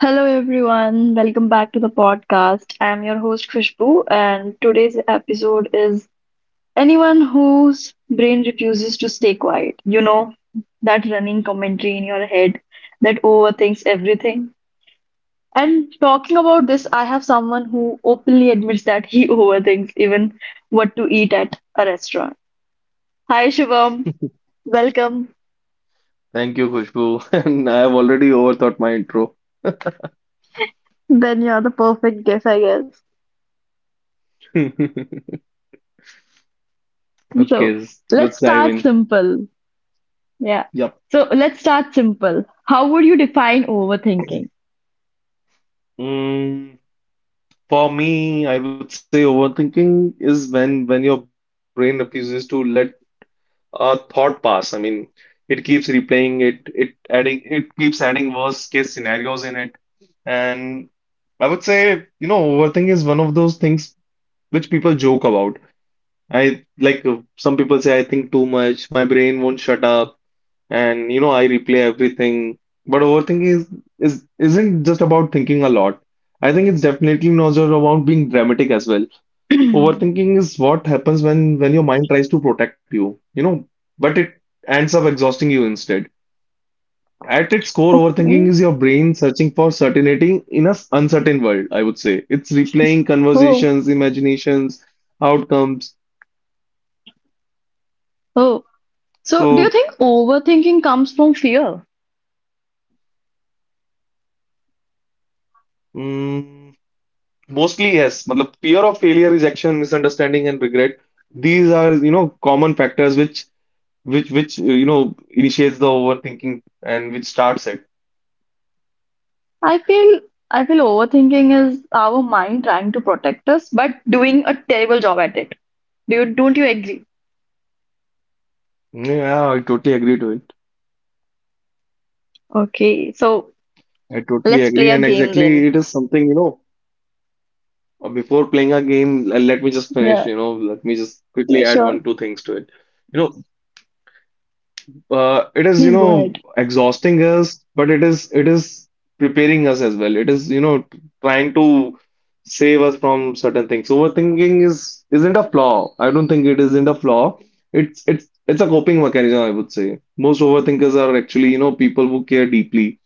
Hello everyone, welcome back to the podcast. I'm your host Khushbu, and today's episode is anyone whose brain refuses to stay quiet. You know, that running commentary in your head that overthinks everything. And talking about this, I have someone who openly admits that he overthinks even what to eat at a restaurant. Hi Shivam, welcome. Thank you, Khushbu. And I have already overthought my intro. Then you're the perfect guest, I guess. So Okay, let's let's dive start in. simple. Yeah. Yep. So let's start simple. How would you define overthinking? Mm, for me, I would say overthinking is when your brain refuses to let a thought pass. I mean, it keeps replaying it, it keeps adding worst case scenarios in it. And I would say, you know, overthink is one of those things which people joke about. I like some people say, I think too much, my brain won't shut up, and you know, I replay everything. But overthinking is isn't just about thinking a lot. I think it's definitely not just about being dramatic as well. Overthinking is what happens when your mind tries to protect you, you know, but it ends up exhausting you instead. At its core, Okay. overthinking is your brain searching for certainty in an uncertain world, I would say. It's replaying Oh, conversations, imaginations, outcomes. oh. So do you So, think overthinking comes from fear? mm, mostly yes, मतलब fear of failure, rejection, misunderstanding and regret. These are, you know, common factors which you know initiates the overthinking and which starts it. I feel I feel overthinking is our mind trying to protect us, but doing a terrible job at it. Do you, don't you agree? Yeah, I totally agree to it. Okay, so I totally let's play agree, a and game exactly then. it is something, you know, before playing a game, let me just finish, Yeah, you know, let me just yeah, quickly add sure. one, two things to it. You know, it is, you Please go know, ahead. exhausting us, but it is preparing us as well. It is, you know, trying to save us from certain things. Overthinking isn't a flaw. I don't think it isn't a flaw. It's a coping mechanism, I would say. Most overthinkers are actually, you know, people who care deeply.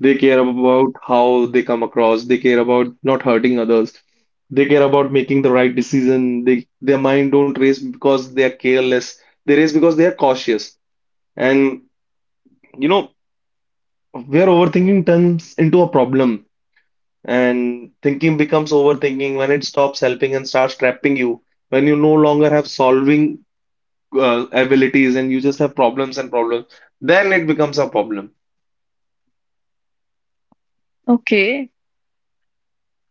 They care about how they come across. They care about not hurting others. They care about making the right decision. They, their mind don't race because they are careless. They race because they are cautious. And you know, where overthinking turns into a problem and thinking becomes overthinking when it stops helping and starts trapping you. When you no longer have solving abilities and you just have problems and problems, then it becomes a problem. Okay,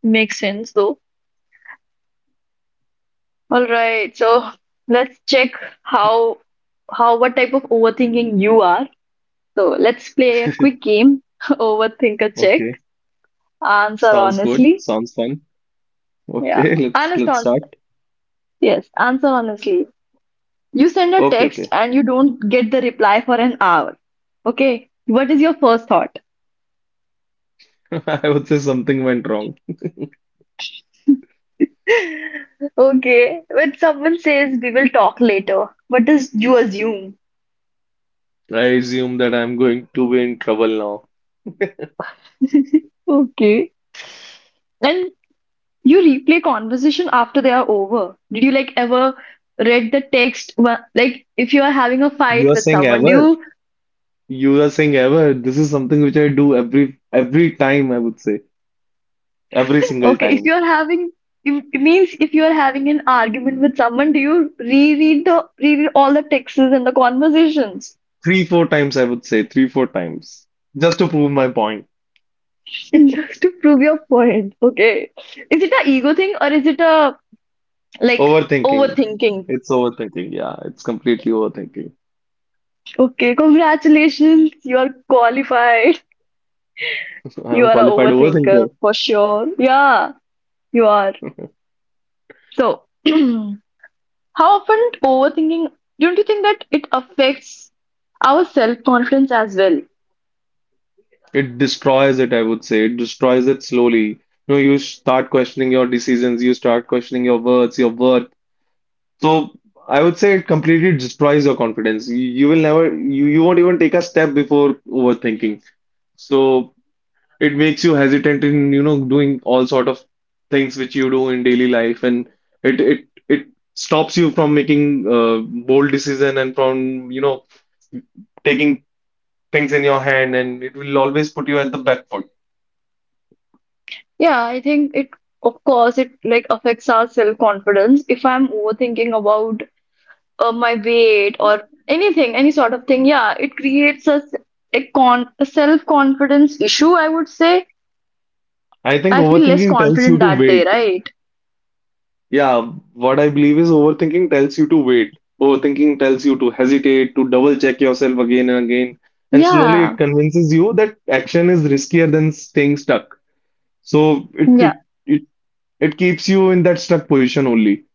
makes sense though. All right, so let's check how what type of overthinking you are. So let's play a quick game, overthinker check. Okay, Answer sounds good. honestly. Sounds fun. Yeah, Okay, let's honest let's on start. yes, answer honestly. You send a Okay, text okay. and you don't get the reply for an hour. Okay, what is your first thought? I would say something went wrong. Okay, when someone says we will talk later, what does you assume? I assume that I'm going to be in trouble now. Okay. And. You replay conversation after they are over. Did you like ever read the text? Like if you are having a You fight are with saying someone, do ever? you You are saying ever? This is something which I do every time, I would say. Every single okay? If time. you are having it means if you are having an argument with someone, do you reread the reread all the texts and the conversations Three, four times, I would say. Three, four times. Just to prove my point. just to prove your point? Okay, is it a ego thing or is it a like Overthinking. overthinking? It's overthinking. Yeah, it's completely overthinking. Okay, congratulations, you are qualified. You I'm are a qualified overthinker overthinker. for sure. Yeah, you are. So, how often overthinking, don't you think that it affects our self-confidence as well? It destroys it, I would say. It destroys it slowly. You know, you start questioning your decisions, you start questioning your words, your work. So I would say it completely destroys your confidence. You will never, you won't even take a step before overthinking. So it makes you hesitant in, you know, doing all sort of things which you do in daily life, and it stops you from making bold decision and from, you know, taking things in your hand, and it will always put you at the back foot. Yeah, I think it, of course, it like affects our self-confidence. If I'm overthinking about my weight or anything, any sort of thing, yeah, it creates a, a con a self-confidence issue, I would say. I think I feel less overthinking tells you confident to that day, wait. right? Yeah, what I believe is overthinking tells you to wait. Overthinking tells you to hesitate, to double check yourself again and again. And slowly it Yeah, convinces you that action is riskier than staying stuck. So yeah, it, it keeps you in that stuck position only.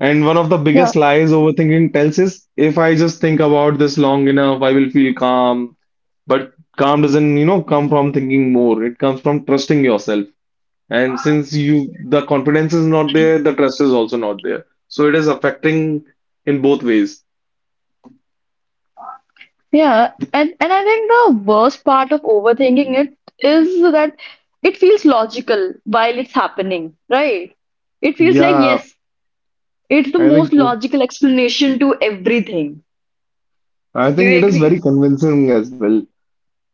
And one of the yeah. biggest lies overthinking tells is if I just think about this long enough, I will feel calm. But calm doesn't, you know, come from thinking more. It comes from trusting yourself. And since you the confidence is not there, the trust is also not there. So it is affecting in both ways. Yeah, and I think the worst part of overthinking it is that it feels logical while it's happening, right? It feels like Yeah, yes, it's the I most think logical explanation to everything. I Do think you it is agree? very convincing as well.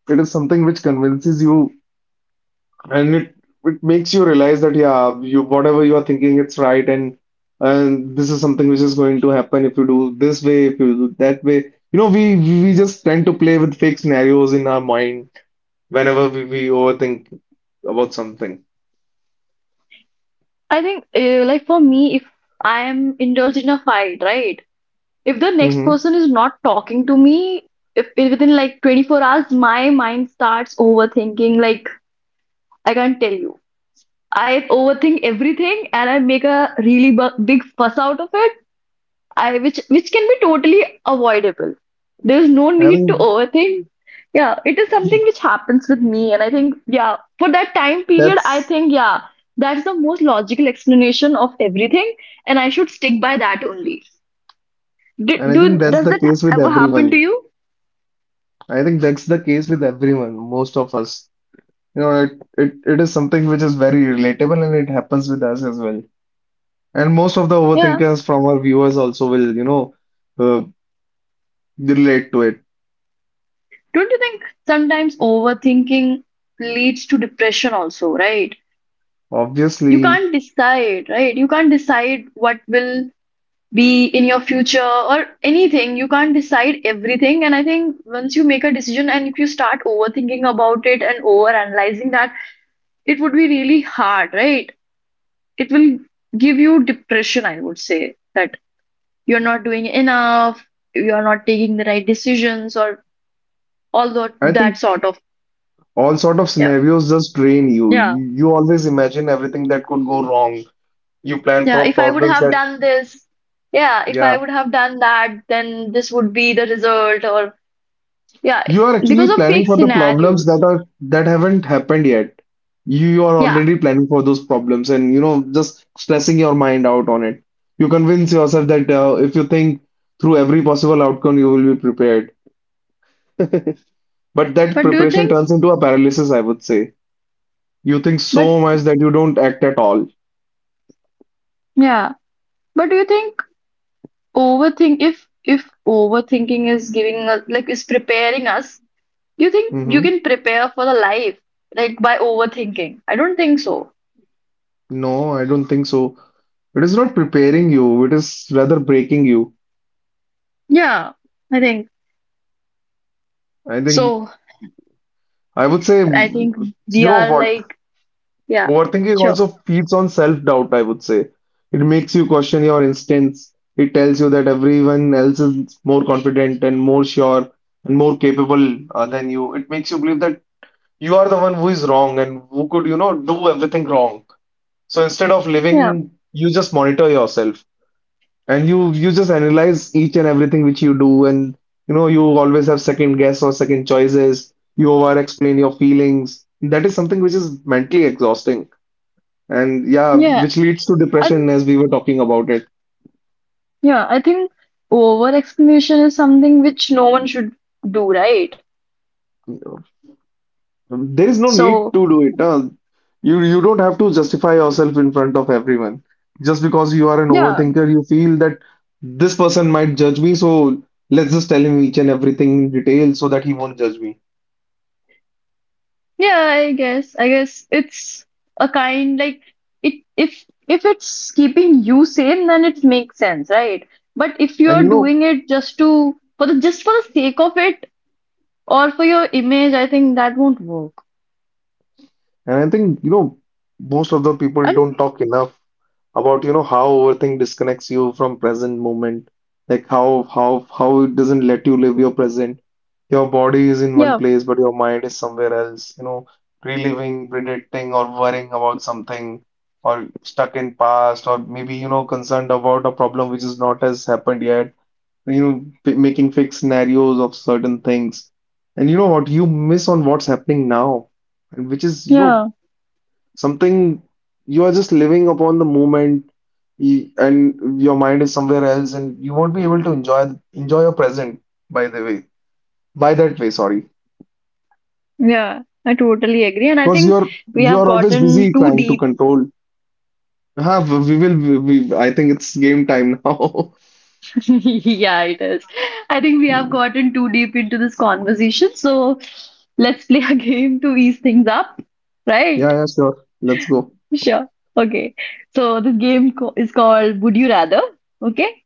It is something which convinces you and it makes you realize that yeah, you whatever you are thinking it's right and this is something which is going to happen if you do this way, if you do that way. You know, we just tend to play with fake scenarios in our mind whenever we overthink about something. I think like for me, if I am indulged in a fight, right? If the next Mm-hmm. person is not talking to me, if within like 24 hours, my mind starts overthinking. Like I can't tell you. I overthink everything and I make a really big fuss out of it I which can be totally avoidable. There's no I need to think overthink. Yeah, it is something which happens with me, and I think yeah, for that time period, I that's, think yeah, that's the most logical explanation of everything, and I should stick by that only. Do, and I think do that's does the that case with ever happen everyone. to you? I think that's the case with everyone, most of us. You know, it is something which is very relatable and it happens with us as well. And most of the Yeah, overthinkers from our viewers also will, you know, uh, relate to it. don't you think sometimes overthinking leads to depression also, right? You Obviously, can't decide, right? You can't decide what will be in your future or anything you can't decide everything. And I think once you make a decision and if you start overthinking about it and overanalyzing that, it would be really hard, right? It will give you depression, I would say, that you're not doing enough, you're not taking the right decisions or all I that think sort of all sort of yeah, scenarios just drain you. yeah, You always imagine everything that could go wrong. You plan yeah, for if I would problems have that, done this, yeah, if yeah, I would have done that, then this would be the result, or yeah, you are because actually of planning fake for the problems scenarios, that are that haven't happened yet. You are yeah. already planning for those problems and you know just stressing your mind out on it. You convince yourself that if you think through every possible outcome, you will be prepared. But that But do you preparation think, turns into a paralysis, I would say. You think but so much that you don't act at all. yeah, but do you think if overthinking is giving us, like is preparing us, do you think you Hmm. can prepare for the life, like by overthinking? I don't think so. No, I don't think so. It is not preparing you, it is rather breaking you. Yeah, I think I think so. I would say, I think you we know are what? like, yeah, Overthinking sure. also feeds on self-doubt, I would say. It makes you question your instincts. It tells you that everyone else is more confident and more sure and more capable than you. It makes you believe that you are the one who is wrong and who could, you know, do everything wrong. So instead of Yeah, living, you just monitor yourself and you just analyze each and everything which you do and you know you always have second guess or second choices. You over explain your feelings. That is something which is mentally exhausting. And yeah, yeah, which leads to I, depression as we were talking about it. yeah, I think over explanation is something which no one should do, right? There is no need So, to do it. Huh? You don't have to justify yourself in front of everyone. Just because you are an yeah. overthinker, you feel that this person might judge me, so let's just tell him each and everything in detail so that he won't judge me. Yeah, I guess. I guess it's a kind like it if it's keeping you sane, then it makes sense, right? But if you And are you know, doing it just to for the just for the sake of it or for your image, I think that won't work. and I think, you know, most of the people And don't talk enough about, you know, how overthink disconnects you from present moment. Like how it doesn't let you live your present. Your body is in one yeah, place, but your mind is somewhere else, you know, reliving, predicting, or worrying about something, or stuck in past, or maybe, you know, concerned about a problem which is not has happened yet. You know, making fake scenarios of certain things. And you know what? You miss on what's happening now and which is you know yeah, something. You are just living upon the moment, and your mind is somewhere else and you won't be able to enjoy your present, by the way by that way, sorry, yeah. I totally agree. And I because think you're we have you're always busy gotten too trying to deep. control. Huh, we, I think it's game time now. Yeah, it is. I think we have gotten too deep into this conversation. So let's play a game to ease things up, Yeah, right? yeah, sure, let's go. Sure. Okay. So this game is called Would You Rather? Okay.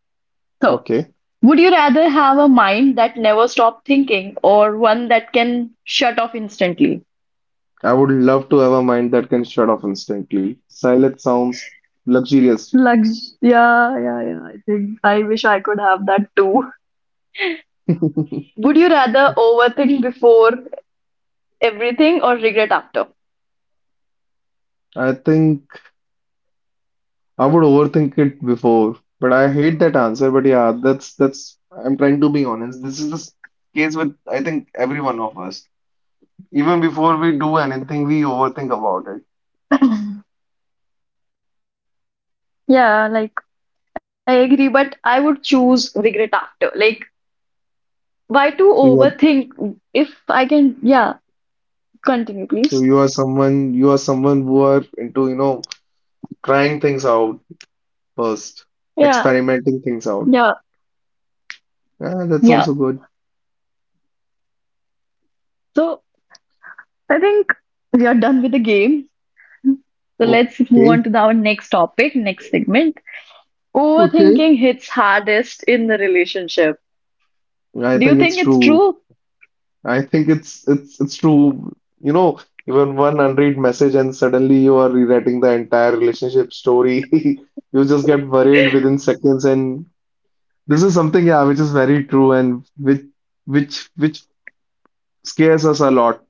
So, Okay, would you rather have a mind that never stop thinking or one that can shut off instantly? I would love to have a mind that can shut off instantly. Silent sounds luxurious. Lux yeah, yeah, yeah. I think I wish I could have that too. Would you rather overthink before everything or regret after? I think I would overthink it before, but I hate that answer. But yeah, that's I'm trying to be honest. This is the case with I think every one of us. Even before we do anything, we overthink about it. Yeah, like I agree, but I would choose regret after. Like, why to So you are overthink if I can? Yeah, continue, so please. You are someone who are into, you know, trying things out first, Yeah, experimenting things out. yeah. Yeah, that's Yeah. also good. So I think we are done with the game. So let's move Okay. on to our next topic, next segment. Okay. Overthinking hits hardest in the relationship. I Do you think it's think it's true. true? I think it's it's true. You know, even one unread message and suddenly you are rewriting the entire relationship story. You just get worried within seconds, and this is something, yeah, which is very true and which scares us a lot.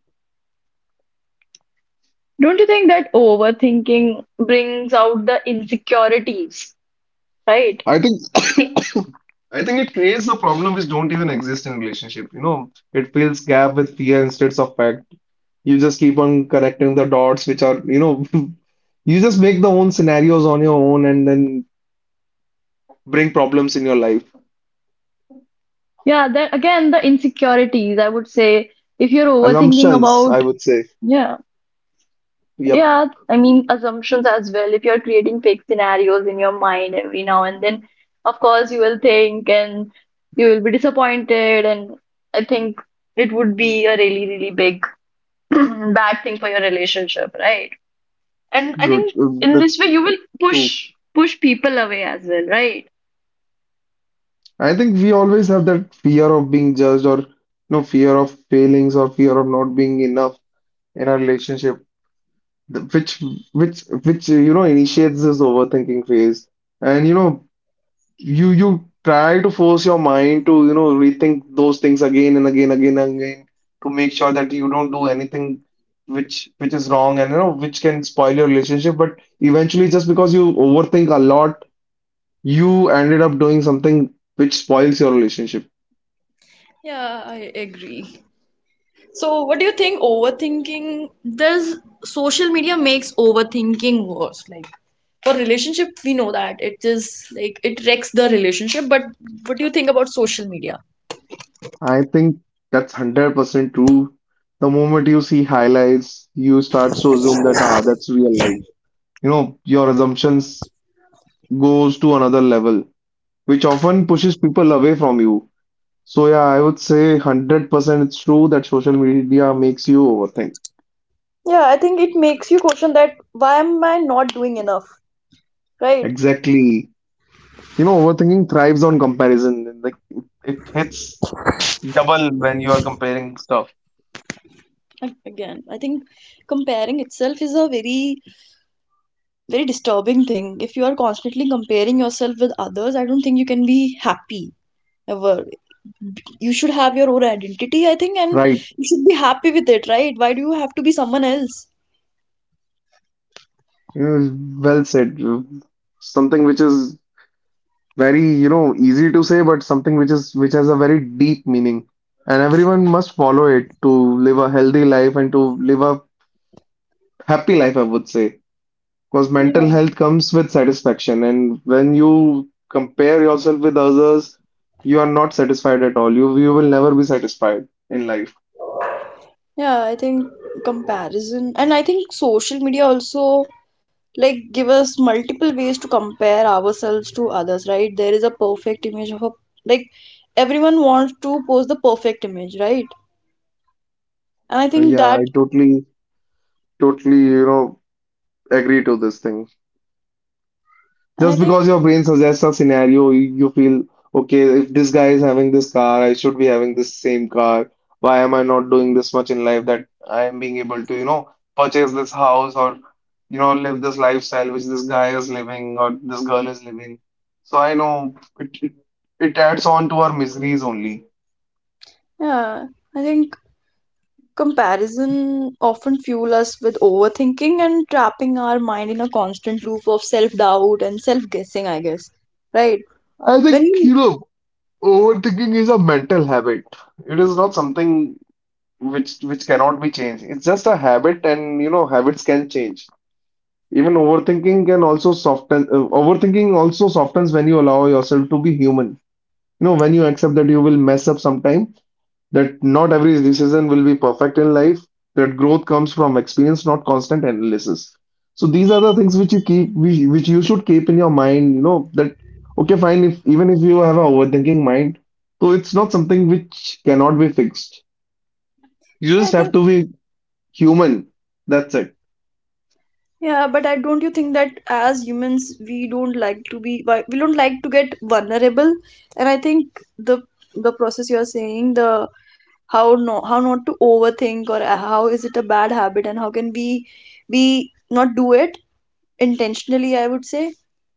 Don't you think that overthinking brings out the insecurities, right? I think I think it creates a problem which don't even exist in relationship. You know, it fills gap with fear instead of fact. You just keep on connecting the dots, which are, you know, you just make the own scenarios on your own and then bring problems in your life. Yeah, that again, the insecurities, I would say, if you're overthinking Assumptions, I about, would say. yeah. Yep. Yeah, I mean assumptions as well. If you're creating fake scenarios in your mind every now and then, of course you will think and you will be disappointed and I think it would be a really, really big bad thing for your relationship, right? And I Good. think in this That's way you will true. Push people away as well, right? I think we always have that fear of being judged or no fear of failings or fear of not being enough in our relationship, which which you know initiates this overthinking phase. And you know you try to force your mind to you know rethink those things again and again to make sure that you don't do anything which is wrong and you know which can spoil your relationship, but eventually just because you overthink a lot, you ended up doing something which spoils your relationship. So, what do you think overthinking does, social media makes overthinking worse? Like for relationship we know that it is like it wrecks the relationship, but what do you think about social media? I think that's 100% true. The moment you see highlights you start to assume that, ah, that's real life. You know, your assumptions goes to another level which often pushes people away from you. So yeah, I would say 100% it's true that social media makes you overthink. Yeah, I think it makes you question that why am I not doing enough, right? Exactly. You know, overthinking thrives on comparison. Like it hits double when you are comparing stuff. And again I think comparing itself is a very very disturbing thing. If you are constantly comparing yourself with others, I don't think you can be happy ever. You should have your own identity, I think, and Right. you should be happy with it, right? Why do you have to be someone else You know, well said. Something which is very you know easy to say, but something which is which has a very deep meaning, and everyone must follow it to live a healthy life and to live a happy life, I would say. Because mental health comes with satisfaction, and when you compare yourself with others, you are not satisfied at all. You will never be satisfied in life. like? Yeah, I totally totally you know agree to this thing. And I Just think, because your brain suggests a scenario, you feel, okay, if this guy is having this car, I should be having this same car. Why am I not doing this much in life that I am being able to, you know, purchase this house or, you know, live this lifestyle which this guy is living or this girl is living. So I know it, it, it adds on to our miseries only. yeah, I think comparison often fuel us with overthinking and trapping our mind in a constant loop of self-doubt and self-guessing, I guess. Right? I When think, you, you know, overthinking is a mental habit. It is not something which cannot be changed. It's just a habit, and you know habits can change. Even overthinking can also overthinking also softens when you allow yourself to be human. You know, when you accept that you will mess up sometime, that not every decision will be perfect in life, that growth comes from experience, not constant analysis. So these are the things which you keep, which you should keep in your mind, you know, that, okay, fine, if even if you have a overthinking mind, so it's not something which cannot be fixed. You yeah, just I have think, to be human. That's it. yeah, but I don't you think that as humans we don't like to be we don't like to get vulnerable, and I think the the process you are saying the how how not to overthink or how is it a bad habit and how can we not do it intentionally, I would say.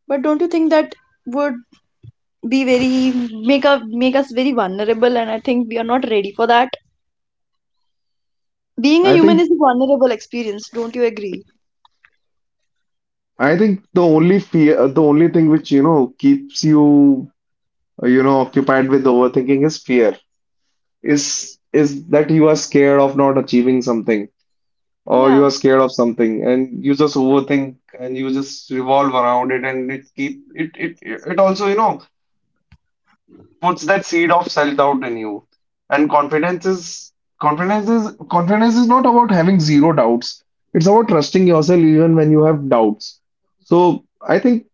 But don't you think that would be very make us very vulnerable? And I think we are not ready for that. Being a I human think is a vulnerable experience, don't you agree? I think the only fear, the only thing which, you know, keeps you, you know, occupied with overthinking is fear. Is that you are scared of not achieving something or you are scared of something and you just overthink and you just revolve around it, and it keep it also, you know, puts that seed of self-doubt in you. And confidence is not about having zero doubts. It's about trusting yourself even when you have doubts. So I think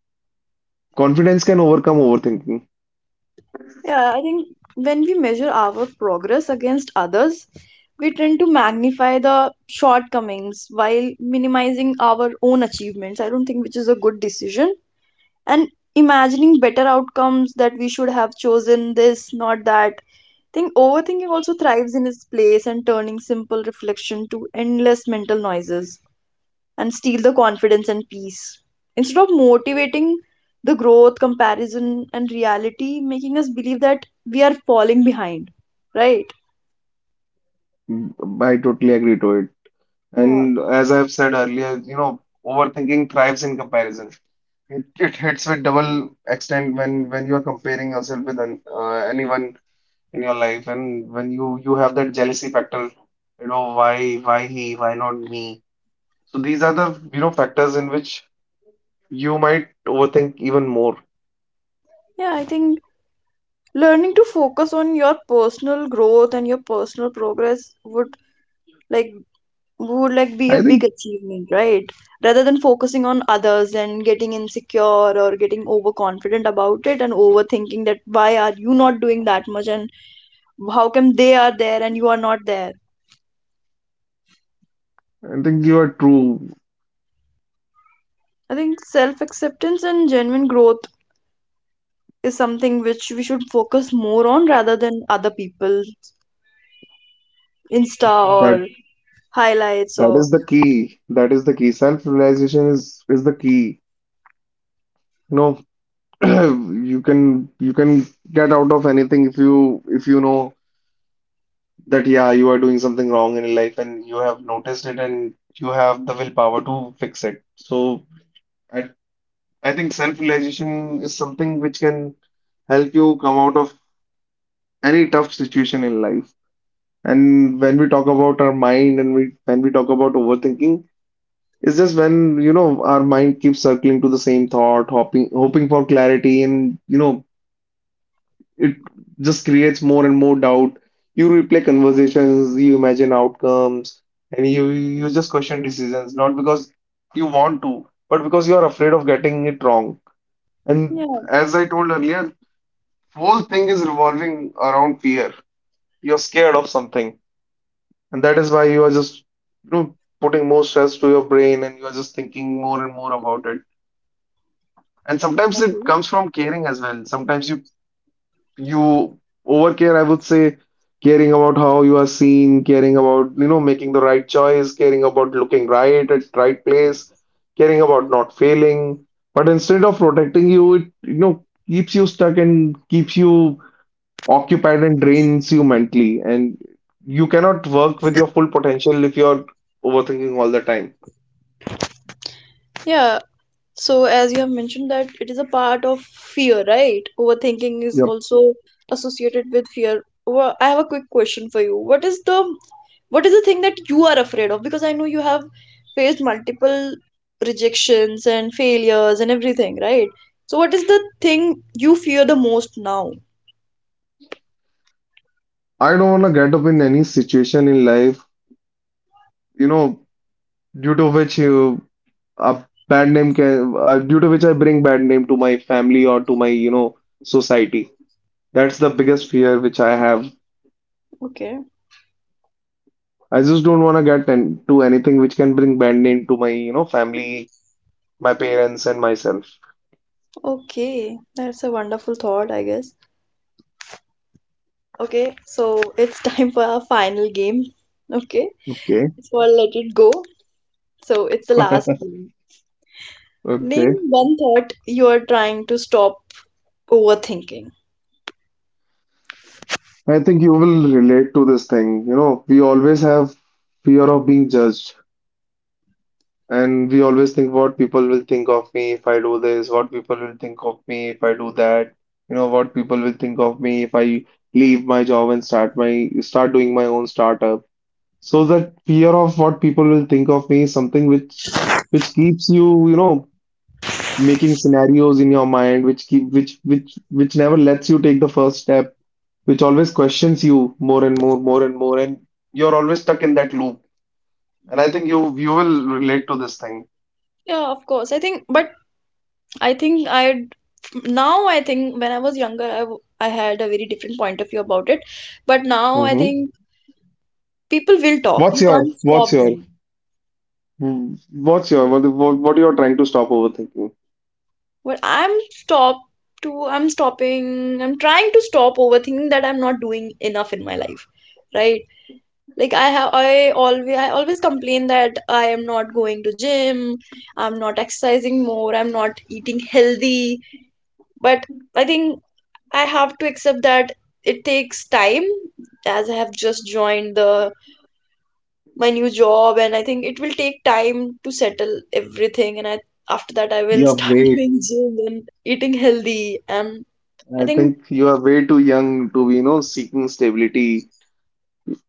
confidence can overcome overthinking. When we tend to magnify vision and imagine mental noises and steal the confidence and peace instead of motivating the growth, comparison and reality making us believe that we are falling behind, right? Mm, I totally agree to it. Yeah, And as I've said earlier, you know, overthinking thrives in comparison. It hits with double extent when you are comparing yourself with anyone in your life, and when you have that jealousy factor, you know, why he, why not me? So these are the you know factors in which you might overthink even more. I think I think you are true that that is the key. That is the key. Self-realization is the key. You know, you can get out of anything if you know that yeah, you are doing something wrong in life, and you have noticed it, and you have the willpower to fix it. So I I think self-realization is something which can help you come out of any tough situation in life. And when we talk about our mind and we when we talk about overthinking, it's just when, you know, our mind keeps circling to the same thought, hoping for clarity, and, you know, it just creates more and more doubt. You replay conversations, you imagine outcomes, and you just question decisions, not because you want to, but because you are afraid of getting it wrong. And as I told earlier, whole thing is revolving around fear. You're scared of something, and that is why you are just, you know, putting more stress to your brain and you are just thinking more and more about it. And sometimes it comes from caring as well. Sometimes you overcare, I would say, caring about how you are seen, caring about, you know, making the right choice, caring about looking right at right place, caring about not failing. But instead of protecting you, it, you know, keeps you stuck and keeps you occupied and drains you mentally. And you cannot work with your full potential if you're overthinking all the time. Yep. well, I have a quick question for you. What is the I don't want to get up in any situation in life, you know, due to which a bad name can due to which I bring bad name to my family or to my you know society. That's the biggest fear which I have. I just don't want to get into anything which can bring bad name to my you know family, my parents, and myself. Okay. Okay. I think you will relate to this thing. You know, we always have fear of being judged. And we always think what people will think of me if I do this, what people will think of me if I do that, you know, what people will think of me if I leave my job and start doing my own startup. So that fear of what people will think of me is something which keeps you, you know, making scenarios in your mind, which keep which never lets you take the first step, which always questions you more and more, and you're always stuck in that loop. And I think you will relate to this thing. What's your, mm, what's your, what you're trying to stop overthinking? You're way, I think you are way too young to be, you know, seeking stability.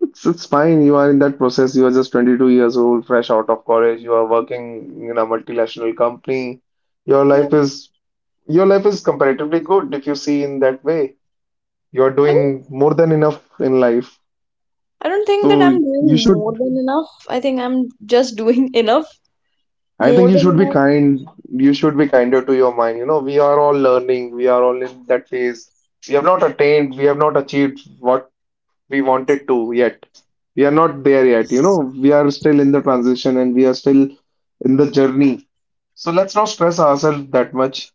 It's fine. You are in that process. You are just 22 years old, fresh out of college. You are working in a multinational company. Your life is, your life is comparatively good if you see in that way. You are doing more than enough in life. So you should I think you should be kind. You should be kinder to your mind. You know, we are all learning. We are all in that phase. We have not achieved what we wanted to yet. We are not there yet. You know, we are still in the transition, and we are still in the journey. So let's not stress ourselves that much.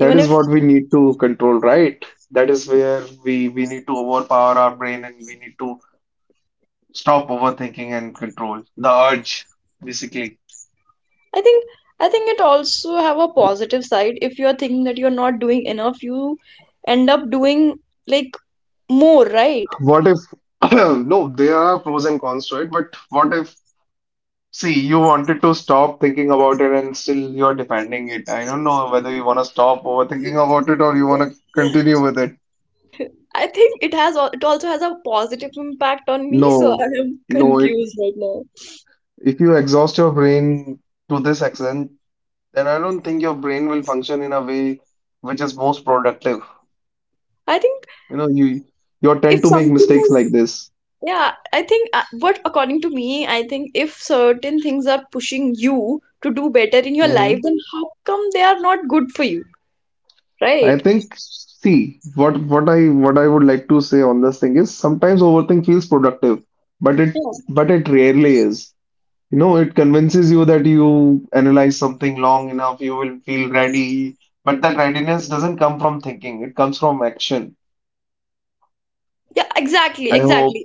That is what we need to control, right? That is where we need to overpower our brain, and we need to stop overthinking and control the urge, basically. What if, no, there are pros and cons to it, but what if, see, you wanted to stop thinking about it and still you're defending it? I don't know whether you want to stop overthinking about it or you want to continue with it. No, No, it, if you exhaust your brain to this extent, then I don't think your brain will function in a way which is most productive. You know, you tend to make mistakes like this. I think see what I would like to say on this thing is sometimes overthink feels productive, but it but it rarely is. You know, it convinces you that you analyze something long enough, you will feel ready, but that readiness doesn't come from thinking, it comes from action. I hope,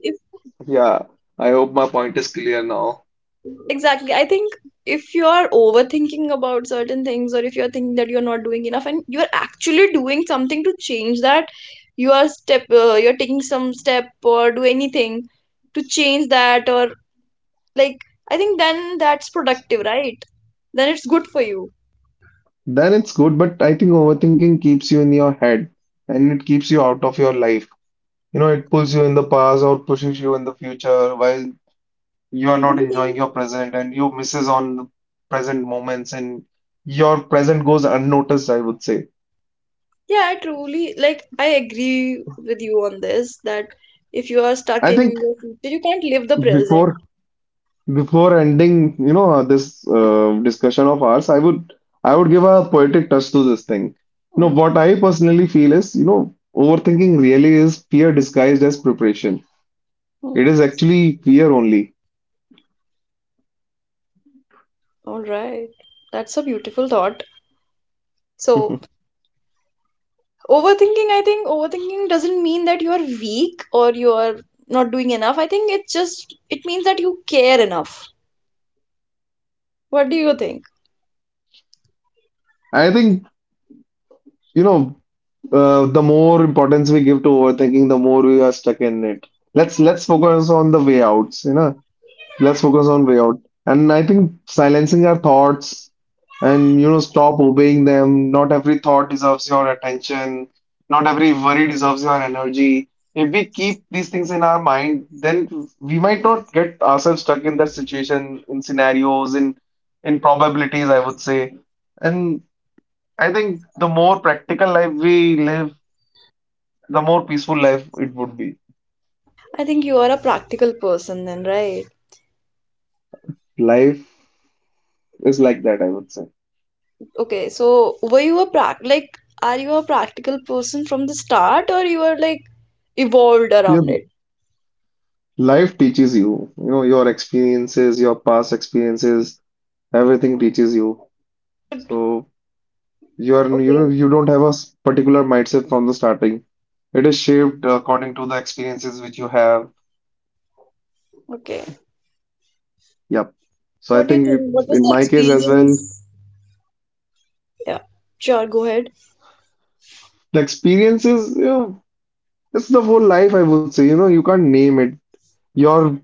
yeah, I hope my point is clear now. Then it's good, but I think overthinking keeps you in your head and it keeps you out of your life. You know, it pulls you in the past or pushes you in the future, while you are not enjoying your present, and you misses on the present moments, and your present goes unnoticed, I would say. I think before before ending, you know, this discussion of ours, I would give a poetic touch to this thing. You know, what I personally feel is, you know, overthinking really is fear disguised as preparation. It is actually fear only. I think, you know, the more importance we give to overthinking, the more we are stuck in it. Let's focus on the way outs, you know. Let's focus on way out. And I think silencing our thoughts and you know stop obeying them. Not every thought deserves your attention. Not every worry deserves your energy. If we keep these things in our mind, then we might not get ourselves stuck in that situation, in scenarios, in probabilities, I would say. And I think the more practical life we live, the more peaceful life it would be. Life is like that, I would say. Your life teaches you, you know, your experiences, your past experiences, everything teaches you. So you are you you don't have a s- particular mindset from the starting. It is shaped according to the experiences which you have. Yep. So I think it, in my case as well, the experiences, you know, it's the whole life, I would say. You know, you can't name it. Your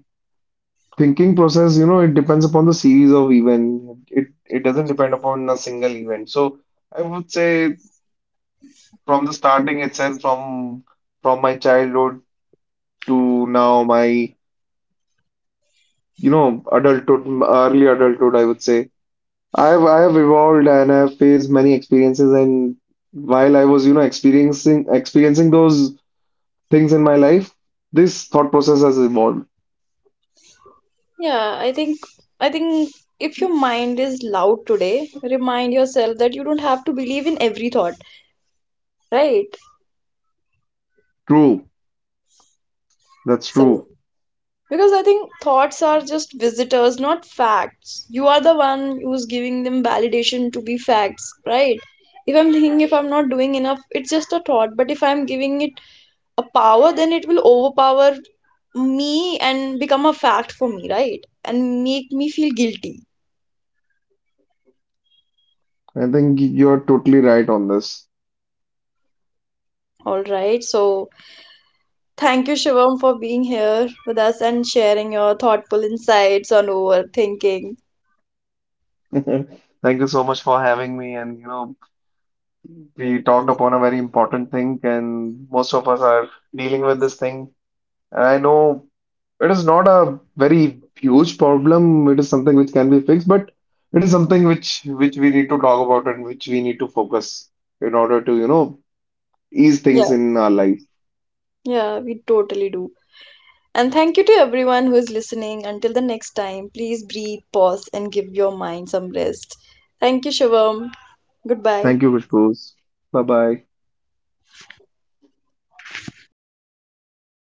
thinking process, you know, it depends upon the series of event. It doesn't depend upon a single event. So I would say from the starting itself, from my childhood to now my, you know, adulthood, early adulthood, I would say. I have evolved, and I have faced many experiences, and while I was, you know, experiencing those things in my life, this thought process has evolved. True. That's true. I think you're totally right on this. Thank you so much for having me. And you know, we talked upon a very important thing, and most of us are dealing with this thing. And I know it is not a very huge problem. It is something which can be fixed, but it is something which we need to talk about and which we need to focus in order to, you know, ease things in our life. Thank you, Khushboo. Bye bye.